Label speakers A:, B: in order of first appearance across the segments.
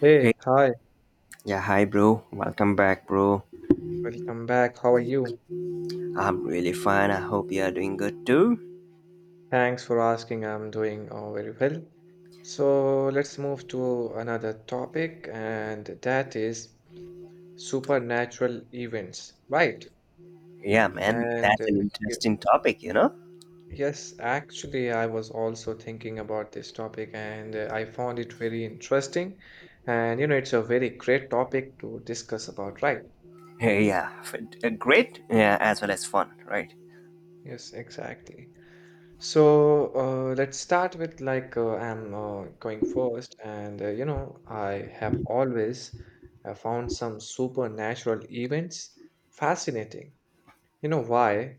A: Hey,
B: Hey,
A: hi,
B: yeah, hi, bro. Welcome back, bro.
A: welcome back. How are you?
B: I'm really fine. I hope you are doing good too.
A: Thanks for asking. I'm doing very well. So let's move to another topic, and that is supernatural events, right?
B: Yeah, man,
A: And
B: that's
A: uh,
B: an
A: y-
B: interesting topic, you know?
A: yes, actually, I was also thinking about this topic, and I found it very interesting. And you know, it's a very great topic to discuss about, right?
B: Hey, yeah, great, yeah, as well as fun, right?
A: Yes, exactly. So let's start with I'm going first, and you know, I have always found some supernatural events fascinating. You know why?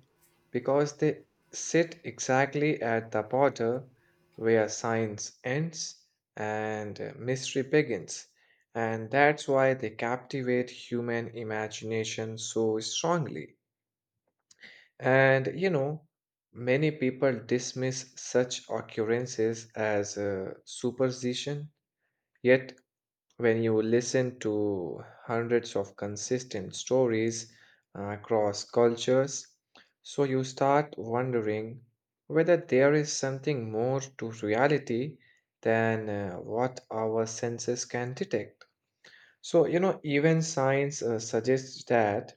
A: Because they sit exactly at the border where science ends and mystery begins, and that's why they captivate human imagination so strongly. And you know, many people dismiss such occurrences as superstition. Yet, when you listen to hundreds of consistent stories across cultures, so you start wondering whether there is something more to reality than what our senses can detect. So, you know, even science suggests that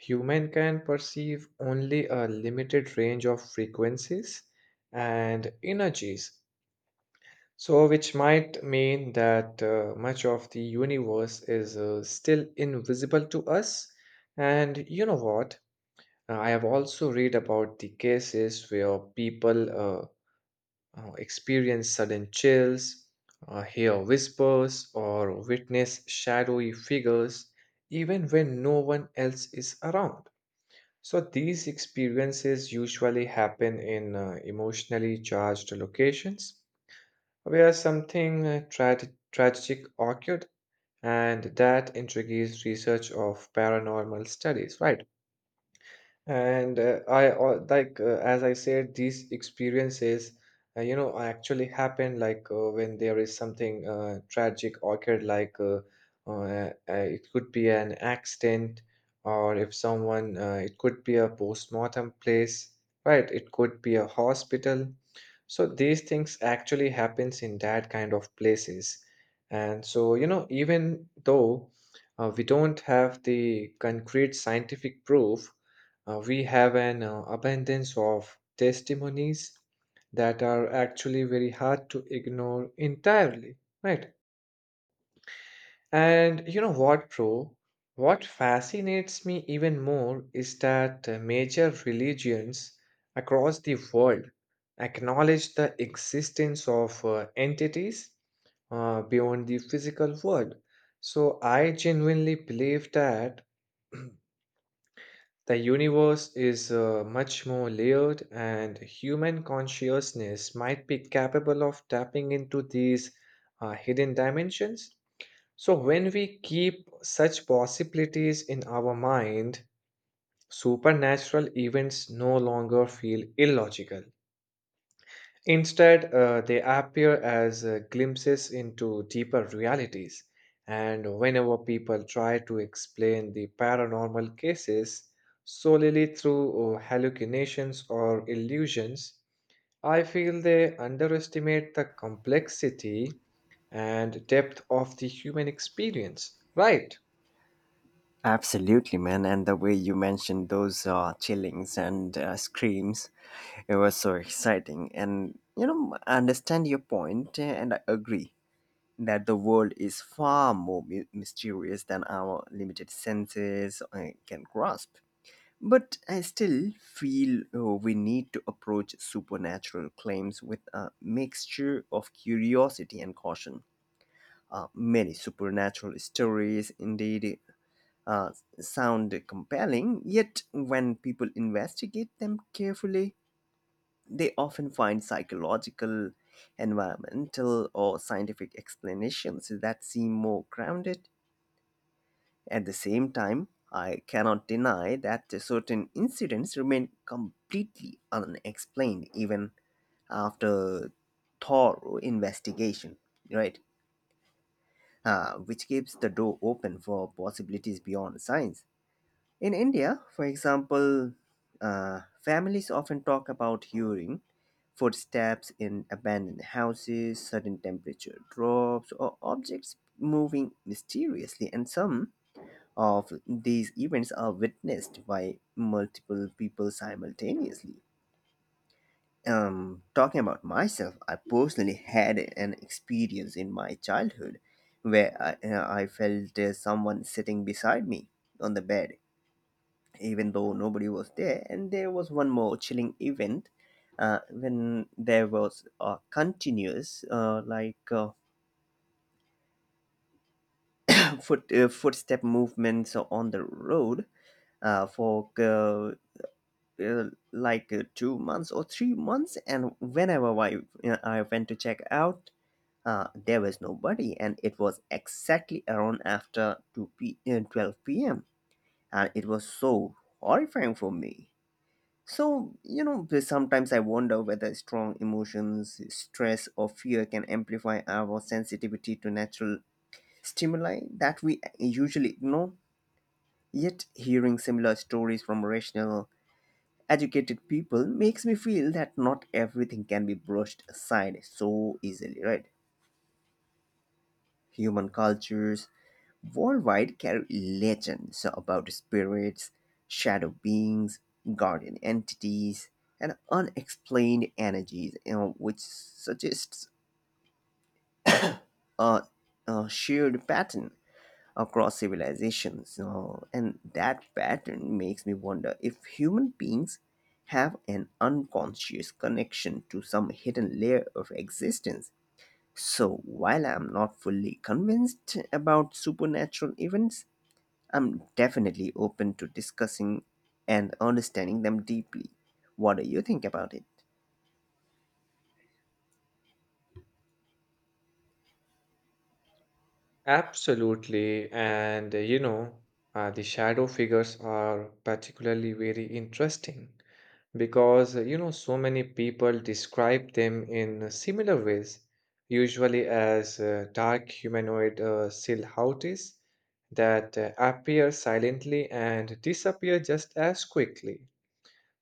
A: human can perceive only a limited range of frequencies and energies, so which might mean that much of the universe is still invisible to us. And you know what? I have also read about the cases where people experience sudden chills, hear whispers, or witness shadowy figures even when no one else is around. So these experiences usually happen in emotionally charged locations where something tragic occurred, and that intrigues research of paranormal studies, right? And I like as I said, these experiences, you know, actually happen when there is something tragic occurred, it could be an accident, or if someone, it could be a post-mortem place, right? It could be a hospital. So these things actually happens in that kind of places. And so, you know, even though we don't have the concrete scientific proof, we have an abundance of testimonies that are actually very hard to ignore entirely, right? And you know what, bro? What fascinates me even more is that major religions across the world acknowledge the existence of entities beyond the physical world. So I genuinely believe that the universe is much more layered, and human consciousness might be capable of tapping into these hidden dimensions. So, when we keep such possibilities in our mind, supernatural events no longer feel illogical. Instead, they appear as glimpses into deeper realities. And whenever people try to explain the paranormal cases solely through hallucinations or illusions, I feel they underestimate the complexity and depth of the human experience. Right,
B: Absolutely, man. And the way you mentioned those chillings and screams, it was so exciting. And, you know, I understand your point, and I agree that the world is far more mysterious than our limited senses can grasp. But I still feel we need to approach supernatural claims with a mixture of curiosity and caution. Many supernatural stories indeed uh, sound compelling, yet, when people investigate them carefully, they often find psychological, environmental, or scientific explanations that seem more grounded. At the same time, I cannot deny that certain incidents remain completely unexplained even after thorough investigation, right? Which keeps the door open for possibilities beyond science. In India, for example, families often talk about hearing footsteps in abandoned houses, sudden temperature drops, or objects moving mysteriously, and some of these events are witnessed by multiple people simultaneously. Talking about myself, I personally had an experience in my childhood where I felt someone sitting beside me on the bed, even though nobody was there. And there was one more chilling event when there was a continuous, like foot footstep movements on the road for. uh, 2 months or 3 months. And whenever I went to check out, there was nobody, and it was exactly around after 2 p uh, 12 p.m, and it was so horrifying for me. So, you know, sometimes I wonder whether strong emotions, stress, or fear can amplify our sensitivity to natural stimuli that we usually ignore, yet hearing similar stories from rational, educated people makes me feel that not everything can be brushed aside so easily, right? Human cultures worldwide carry legends about spirits, shadow beings, guardian entities, and unexplained energies, you know, which suggests a, a shared pattern across civilizations. You know, and that pattern makes me wonder if human beings have an unconscious connection to some hidden layer of existence. So, while I'm not fully convinced about supernatural events, I'm definitely open to discussing and understanding them deeply. What do you think about it?
A: absolutely. And you know, the shadow figures are particularly very interesting because you know so many people describe them in similar ways, usually as dark humanoid silhouettes that appear silently and disappear just as quickly.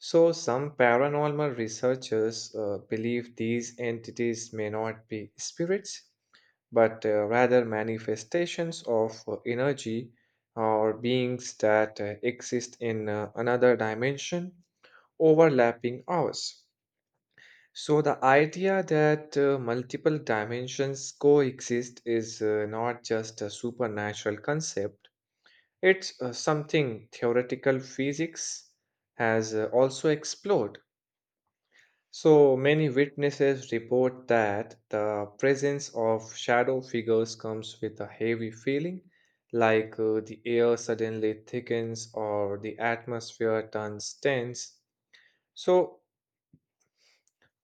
A: So, some paranormal researchers believe these entities may not be spirits, but rather manifestations of energy or beings that exist in another dimension overlapping hours. So, the idea that multiple dimensions coexist is not just a supernatural concept, it's something theoretical physics has also explored. So, many witnesses report that the presence of shadow figures comes with a heavy feeling, like the air suddenly thickens or the atmosphere turns tense. So,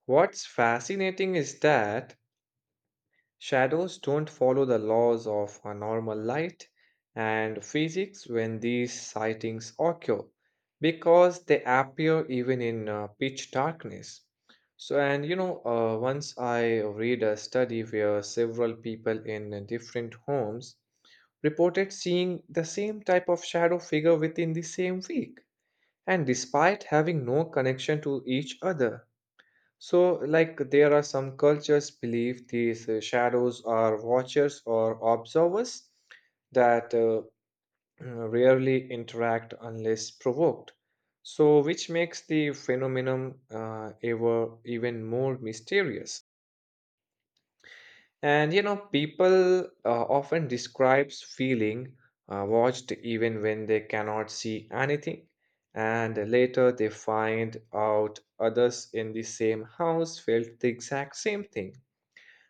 A: what's fascinating is that shadows don't follow the laws of a normal light and physics when these sightings occur because they appear even in pitch darkness. So, and you know, once I read a study where several people in different homes reported seeing the same type of shadow figure within the same week and despite having no connection to each other. So, like, there are some cultures believe these shadows are watchers or observers that rarely interact unless provoked. So, which makes the phenomenon ever even more mysterious. And you know, people often describes feeling watched even when they cannot see anything. And later they find out others in the same house felt the exact same thing.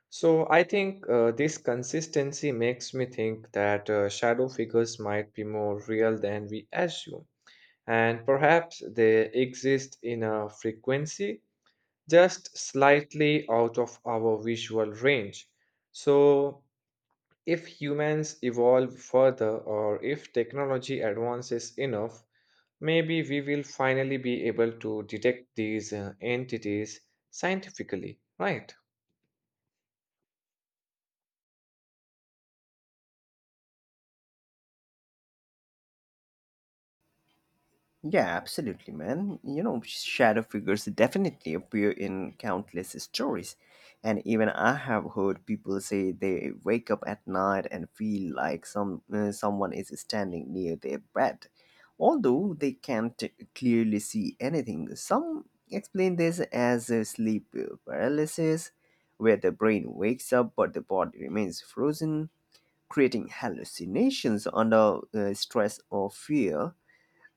A: So I think this consistency makes me think that shadow figures might be more real than we assume, and perhaps they exist in a frequency just slightly out of our visual range. So if humans evolve further or if technology advances enough, maybe we will finally be able to detect these entities scientifically, right?
B: Yeah, absolutely, man. You know, shadow figures definitely appear in countless stories. And even I have heard people say they wake up at night and feel like someone is standing near their bed, although they can't clearly see anything. Some explain this as a sleep paralysis, where the brain wakes up but the body remains frozen, creating hallucinations under stress or fear.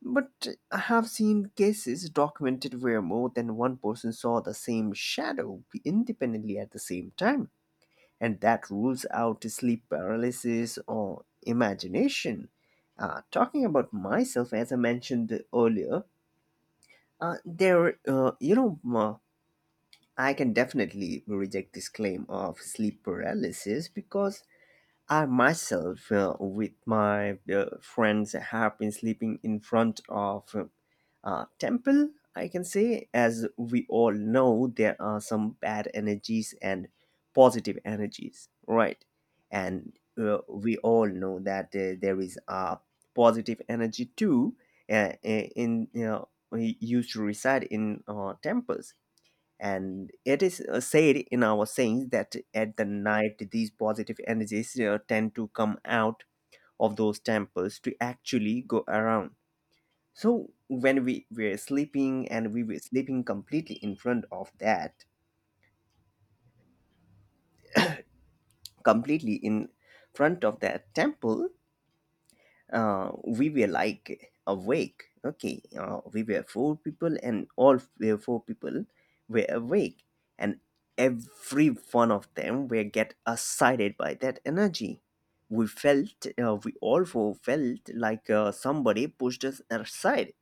B: But I have seen cases documented where more than one person saw the same shadow independently at the same time, and that rules out sleep paralysis or imagination. Talking about myself, as I mentioned earlier, uh, there, uh, you know, uh, I can definitely reject this claim of sleep paralysis because I myself, with my friends, have been sleeping in front of a temple. I can say, as we all know, there are some bad energies and positive energies, right? And we all know that there is a positive energy too. In, you know, we used to reside in temples, and it is said in our sayings that at the night these positive energies tend to come out of those temples to actually go around. So when we were sleeping, and we were sleeping completely in front of that, completely in front of that temple, we were like awake. Okay, we were four people, and all were four people were awake, and every one of them were get excited by that energy. We felt, we all four felt like somebody pushed us aside.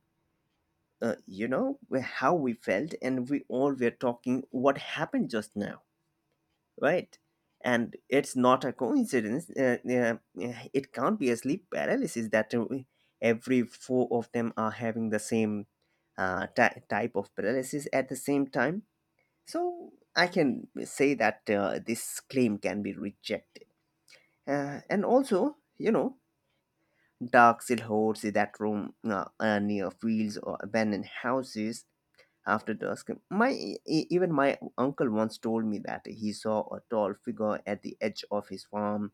B: You know how we felt, and we all were talking what happened just now, right? And it's not a coincidence. It can't be a sleep paralysis that every four of them are having the same type of paralysis at the same time. So I can say that this claim can be rejected. And also, you know, dark silhouettes in that room, near fields or abandoned houses after dusk. Even my uncle once told me that he saw a tall figure at the edge of his farm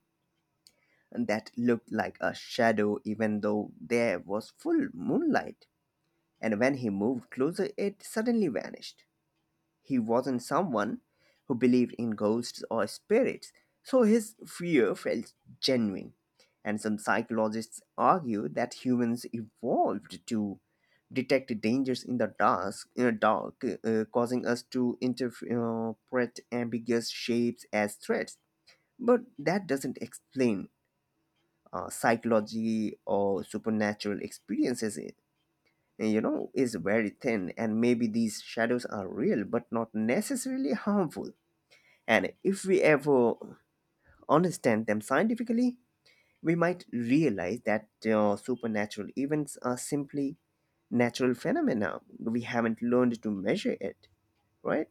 B: that looked like a shadow, even though there was full moonlight. And when he moved closer, it suddenly vanished. He wasn't someone who believed in ghosts or spirits, so his fear felt genuine. And some psychologists argue that humans evolved to detect dangers in the dark, causing us to interpret ambiguous shapes as threats. But that doesn't explain psychology or supernatural experiences. It, you know, is very thin, and maybe these shadows are real but not necessarily harmful. And if we ever understand them scientifically, we might realize that supernatural events are simply natural phenomena. We haven't learned to measure it, right?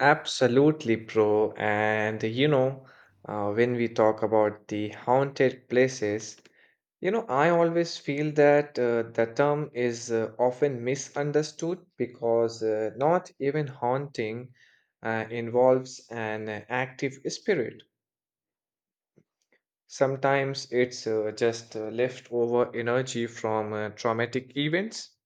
A: Absolutely, bro. And you know, when we talk about the haunted places, you know, I always feel that the term is often misunderstood because not even haunting involves an active spirit. Sometimes it's just leftover energy from traumatic events.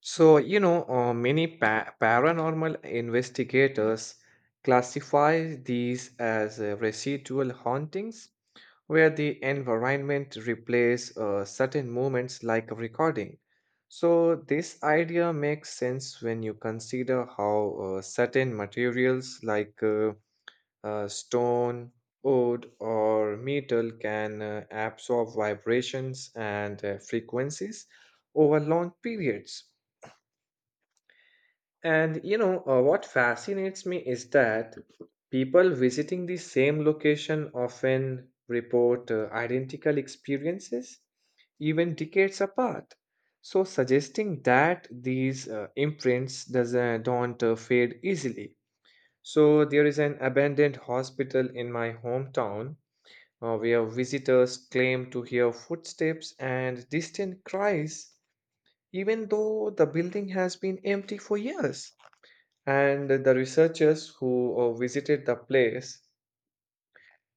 A: So, you know, many paranormal investigators classify these as residual hauntings, where the environment replays certain moments like a recording. So, this idea makes sense when you consider how certain materials like stone, wood, or metal can absorb vibrations and frequencies over long periods. And you know, what fascinates me is that people visiting the same location often report identical experiences, even decades apart. So, suggesting that these imprints doesn't, don't fade easily. So, there is an abandoned hospital in my hometown where visitors claim to hear footsteps and distant cries, even though the building has been empty for years. And the researchers who visited the place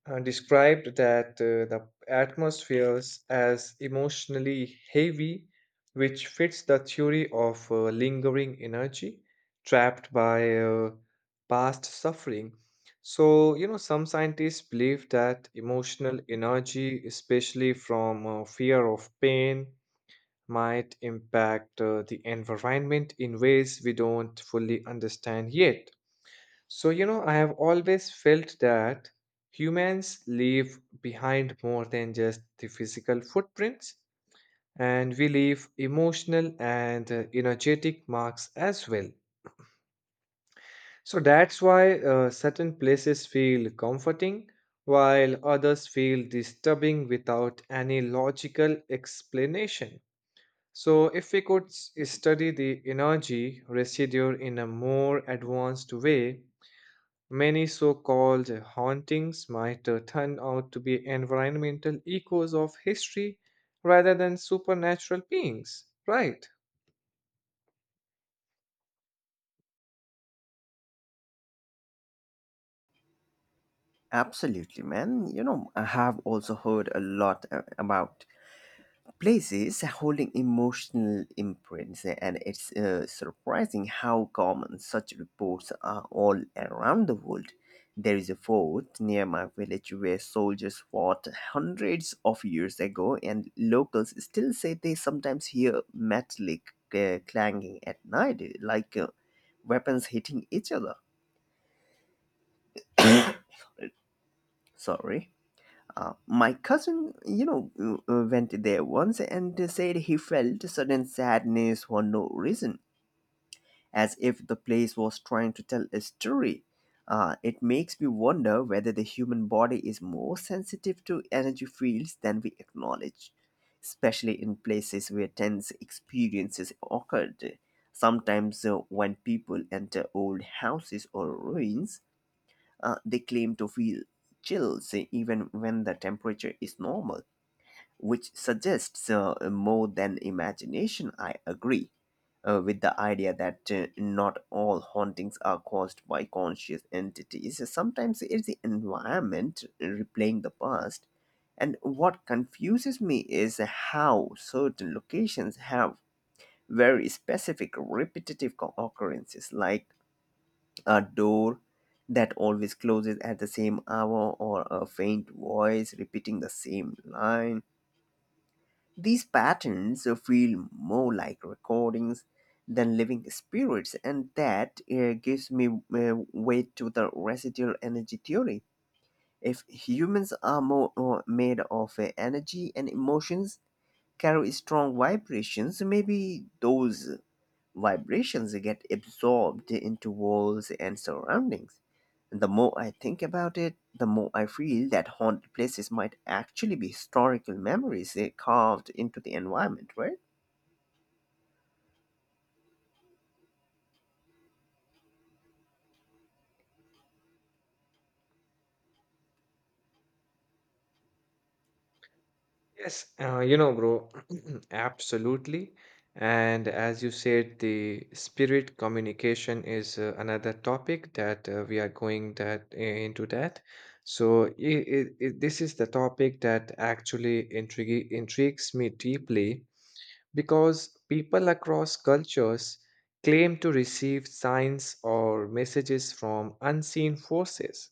A: described that the atmospheres as emotionally heavy, which fits the theory of lingering energy trapped by past suffering. So, you know, some scientists believe that emotional energy, especially from fear of pain, might impact the environment in ways we don't fully understand yet. So, you know, I have always felt that humans leave behind more than just the physical footprints, and we leave emotional and energetic marks as well. So that's why certain places feel comforting, while others feel disturbing without any logical explanation. So, if we could study the energy residue in a more advanced way, many so called hauntings might turn out to be environmental echoes of history rather than supernatural beings, right?
B: Absolutely, man. You know, I have also heard a lot about places holding emotional imprints, eh, and it's surprising how common such reports are all around the world. There is a fort near my village where soldiers fought hundreds of years ago, and locals still say they sometimes hear metallic clanging at night, like weapons hitting each other. Sorry. My cousin, you know, went there once and said he felt sudden sadness for no reason, as if the place was trying to tell a story. It makes me wonder whether the human body is more sensitive to energy fields than we acknowledge, especially in places where tense experiences occurred. Sometimes, when people enter old houses or ruins, they claim to feel chills even when the temperature is normal, which suggests more than imagination. I agree with the idea that not all hauntings are caused by conscious entities. Sometimes it's the environment replaying the past. And what confuses me is how certain locations have very specific repetitive occurrences, like a door that always closes at the same hour, or a faint voice repeating the same line. These patterns feel more like recordings than living spirits, and that gives me weight to the residual energy theory. If humans are more made of energy, and emotions carry strong vibrations, maybe those vibrations get absorbed into walls and surroundings. And the more I think about it, the more I feel that haunted places might actually be historical memories, eh, carved into the environment, right?
A: Yes, you know, bro, absolutely. And as you said, the spirit communication is another topic that we are going that into that. So I this is the topic that actually intrigues me deeply because people across cultures claim to receive signs or messages from unseen forces,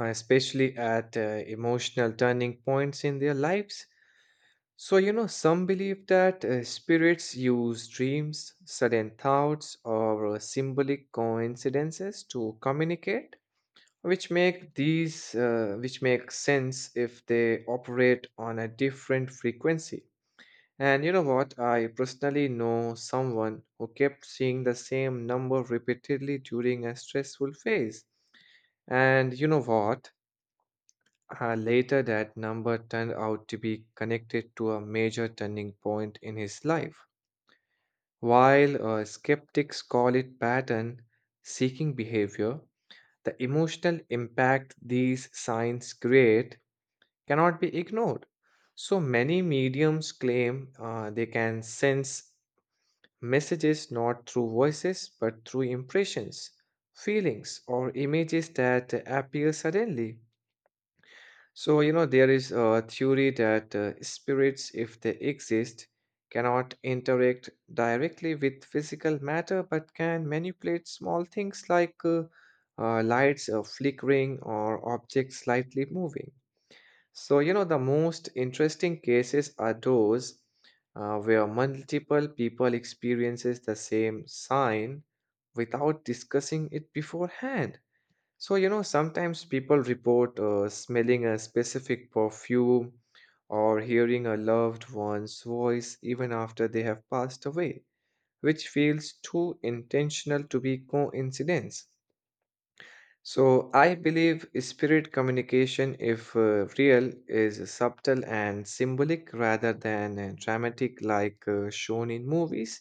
A: especially at emotional turning points in their lives. So, you know, some believe that spirits use dreams, sudden thoughts, or symbolic coincidences to communicate, which make sense if they operate on a different frequency. And you know what? I personally know someone who kept seeing the same number repeatedly during a stressful phase. And you know what? Later, that number turned out to be connected to a major turning point in his life. While skeptics call it pattern seeking behavior, the emotional impact these signs create cannot be ignored. So many mediums claim they can sense messages not through voices but through impressions, feelings, or images that appear suddenly. So, you know, there is a theory that spirits, if they exist, cannot interact directly with physical matter but can manipulate small things like lights flickering or objects slightly moving. So, you know, the most interesting cases are those where multiple people experiences the same sign without discussing it beforehand. So, you know, sometimes people report smelling a specific perfume or hearing a loved one's voice even after they have passed away, which feels too intentional to be coincidence. So I believe spirit communication, if real, is subtle and symbolic rather than dramatic like shown in movies.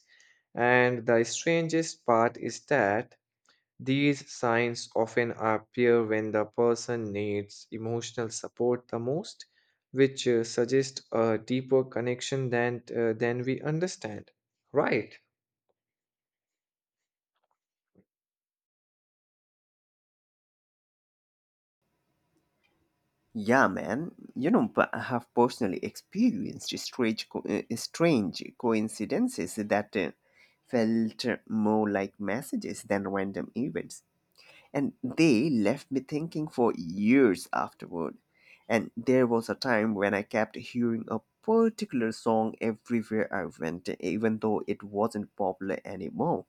A: And the strangest part is that these signs often appear when the person needs emotional support the most, which suggests a deeper connection than we understand. Right.
B: Yeah, man. You know, but I have personally experienced strange coincidences that felt more like messages than random events. And they left me thinking for years afterward. And there was a time when I kept hearing a particular song everywhere I went, even though it wasn't popular anymore.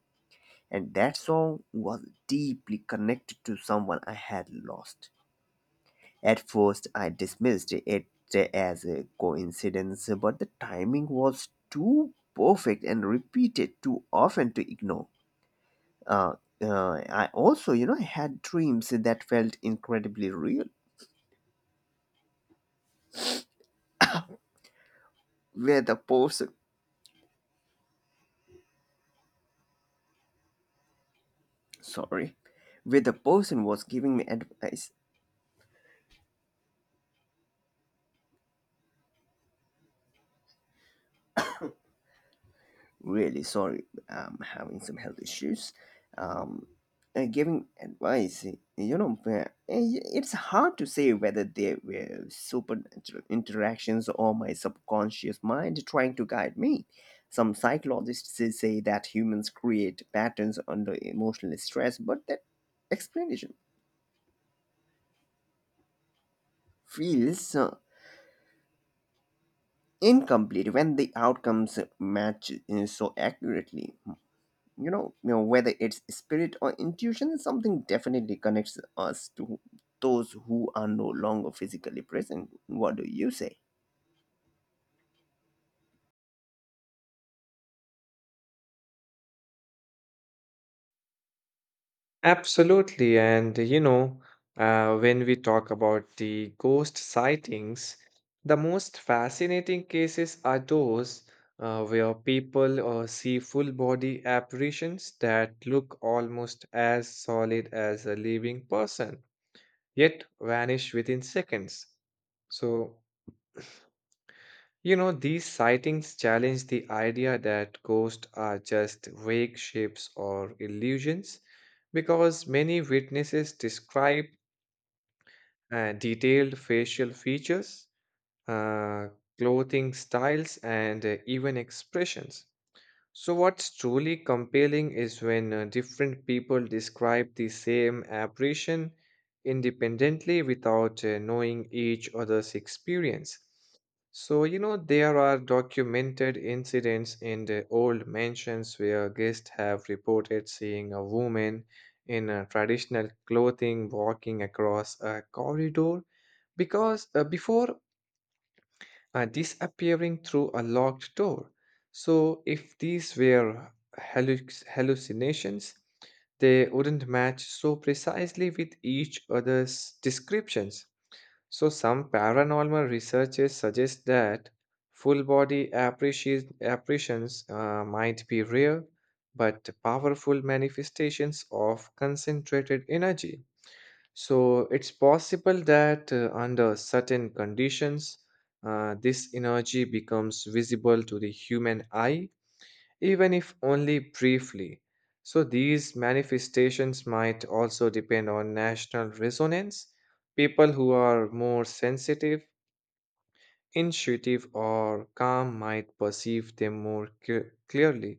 B: And that song was deeply connected to someone I had lost. At first, I dismissed it as a coincidence, but the timing was too perfect and repeated too often to ignore. uh, I also, you know, had dreams that felt incredibly real, where the person, sorry, where the person was giving me advice. Really sorry, I'm having some health issues. um and giving advice, you know, eh, it's hard to say whether they were interactions or my subconscious mind trying to guide me. Some psychologists say that humans create patterns under emotional stress, but that explanation feels incomplete when the outcomes match, eh, so accurately. You know, whether it's spirit or intuition, something definitely connects us to those who are no longer physically present. What do you say?
A: Absolutely. And, you know, when we talk about the ghost sightings, the most fascinating cases are those where people see full body apparitions that look almost as solid as a living person, yet vanish within seconds. So, you know, these sightings challenge the idea that ghosts are just vague shapes or illusions because many witnesses describe detailed facial features, uh, clothing styles, and even expressions. So, what's truly compelling is when different people describe the same apparition independently without knowing each other's experience. So, you know, there are documented incidents in the old mansions where guests have reported seeing a woman in traditional clothing walking across a corridor because before disappearing through a locked door. So, if these were hallucinations, they wouldn't match so precisely with each other's descriptions. So, some paranormal researchers suggest that full body apparitions might be rare but powerful manifestations of concentrated energy. So it's possible that under certain conditions, this energy becomes visible to the human eye, even if only briefly. So these manifestations might also depend on national resonance. People who are more sensitive, intuitive, or calm might perceive them clearly.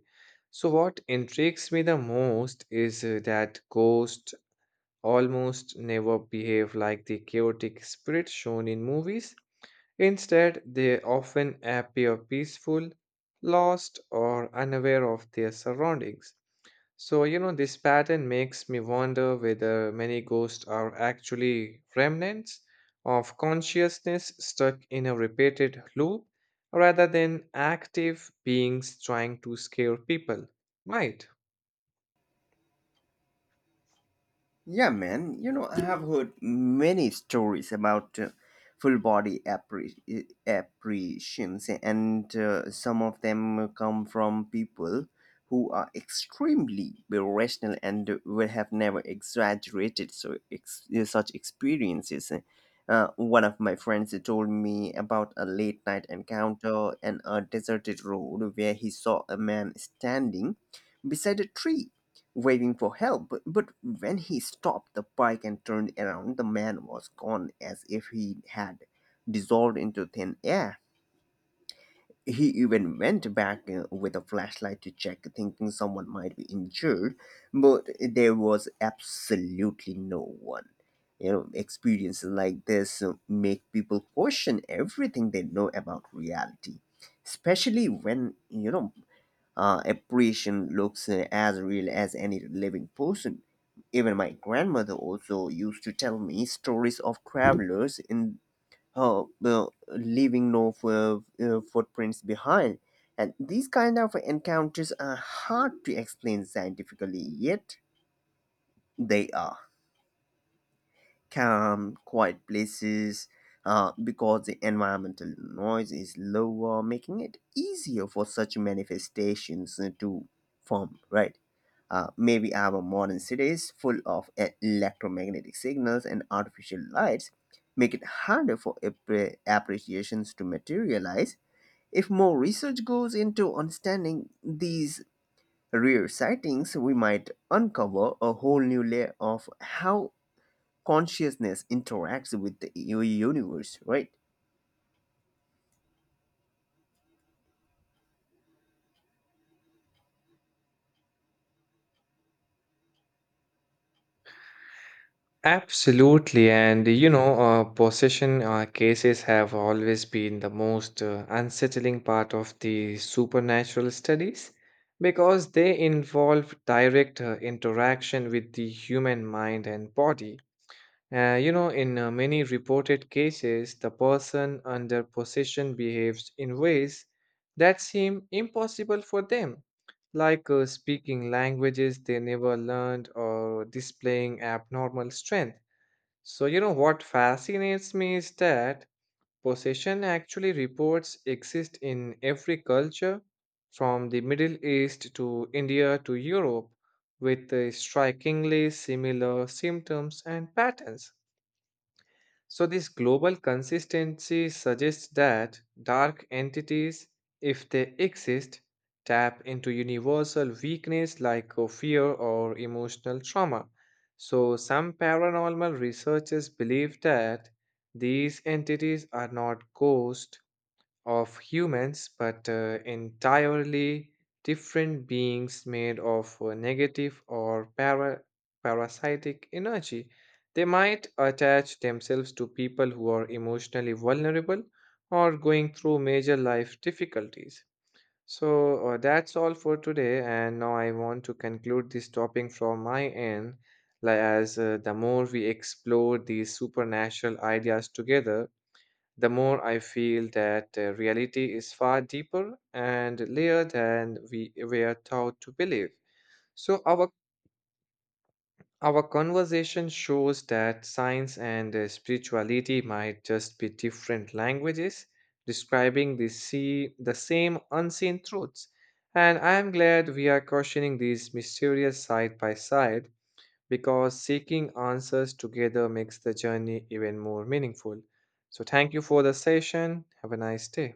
A: So, what intrigues me the most is that ghosts almost never behave like the chaotic spirits shown in movies. Instead, they often appear peaceful, lost, or unaware of their surroundings. So, you know, this pattern makes me wonder whether many ghosts are actually remnants of consciousness stuck in a repeated loop rather than active beings trying to scare people. Right.
B: Yeah, man. You know, I have heard many stories about full body apparitions, and some of them come from people who are extremely rational and will have never exaggerated such experiences. One of my friends told me about a late night encounter and a deserted road where he saw a man standing beside a tree, waving for help. But when he stopped the bike and turned around, the man was gone, as if he had dissolved into thin air. He even went back with a flashlight to check, thinking someone might be injured, but there was absolutely no one. You know, experiences like this make people question everything they know about reality, especially when, you know, apparition looks as real as any living person. Even my grandmother also used to tell me stories of travelers in leaving no footprints behind. And these kind of encounters are hard to explain scientifically, yet they are calm, quiet places because the environmental noise is lower, making it easier for such manifestations to form, right? Maybe our modern cities, full of electromagnetic signals and artificial lights, make it harder for appreciations to materialize. If more research goes into understanding these rare sightings, we might uncover a whole new layer of how consciousness interacts with the universe, right?
A: Absolutely, and you know, possession cases have always been the most unsettling part of the supernatural studies because they involve direct interaction with the human mind and body. You know, in many reported cases, the person under possession behaves in ways that seem impossible for them, like speaking languages they never learned or displaying abnormal strength. So, you know what fascinates me is that possession actually reports exist in every culture, from the Middle East to India to Europe, with strikingly similar symptoms and patterns. So, this global consistency suggests that dark entities, if they exist, tap into universal weakness like fear or emotional trauma. So, some paranormal researchers believe that these entities are not ghosts of humans, but entirely different beings made of negative or parasitic energy. They might attach themselves to people who are emotionally vulnerable or going through major life difficulties. So that's all for today, and now I want to conclude this topic from my end. Like as the more we explore these supernatural ideas together, the more I feel that reality is far deeper and layered than we were taught to believe. So, our conversation shows that science and spirituality might just be different languages describing the same unseen truths. And I am glad we are questioning these mysterious side by side because seeking answers together makes the journey even more meaningful. So, thank you for the session. Have a nice day.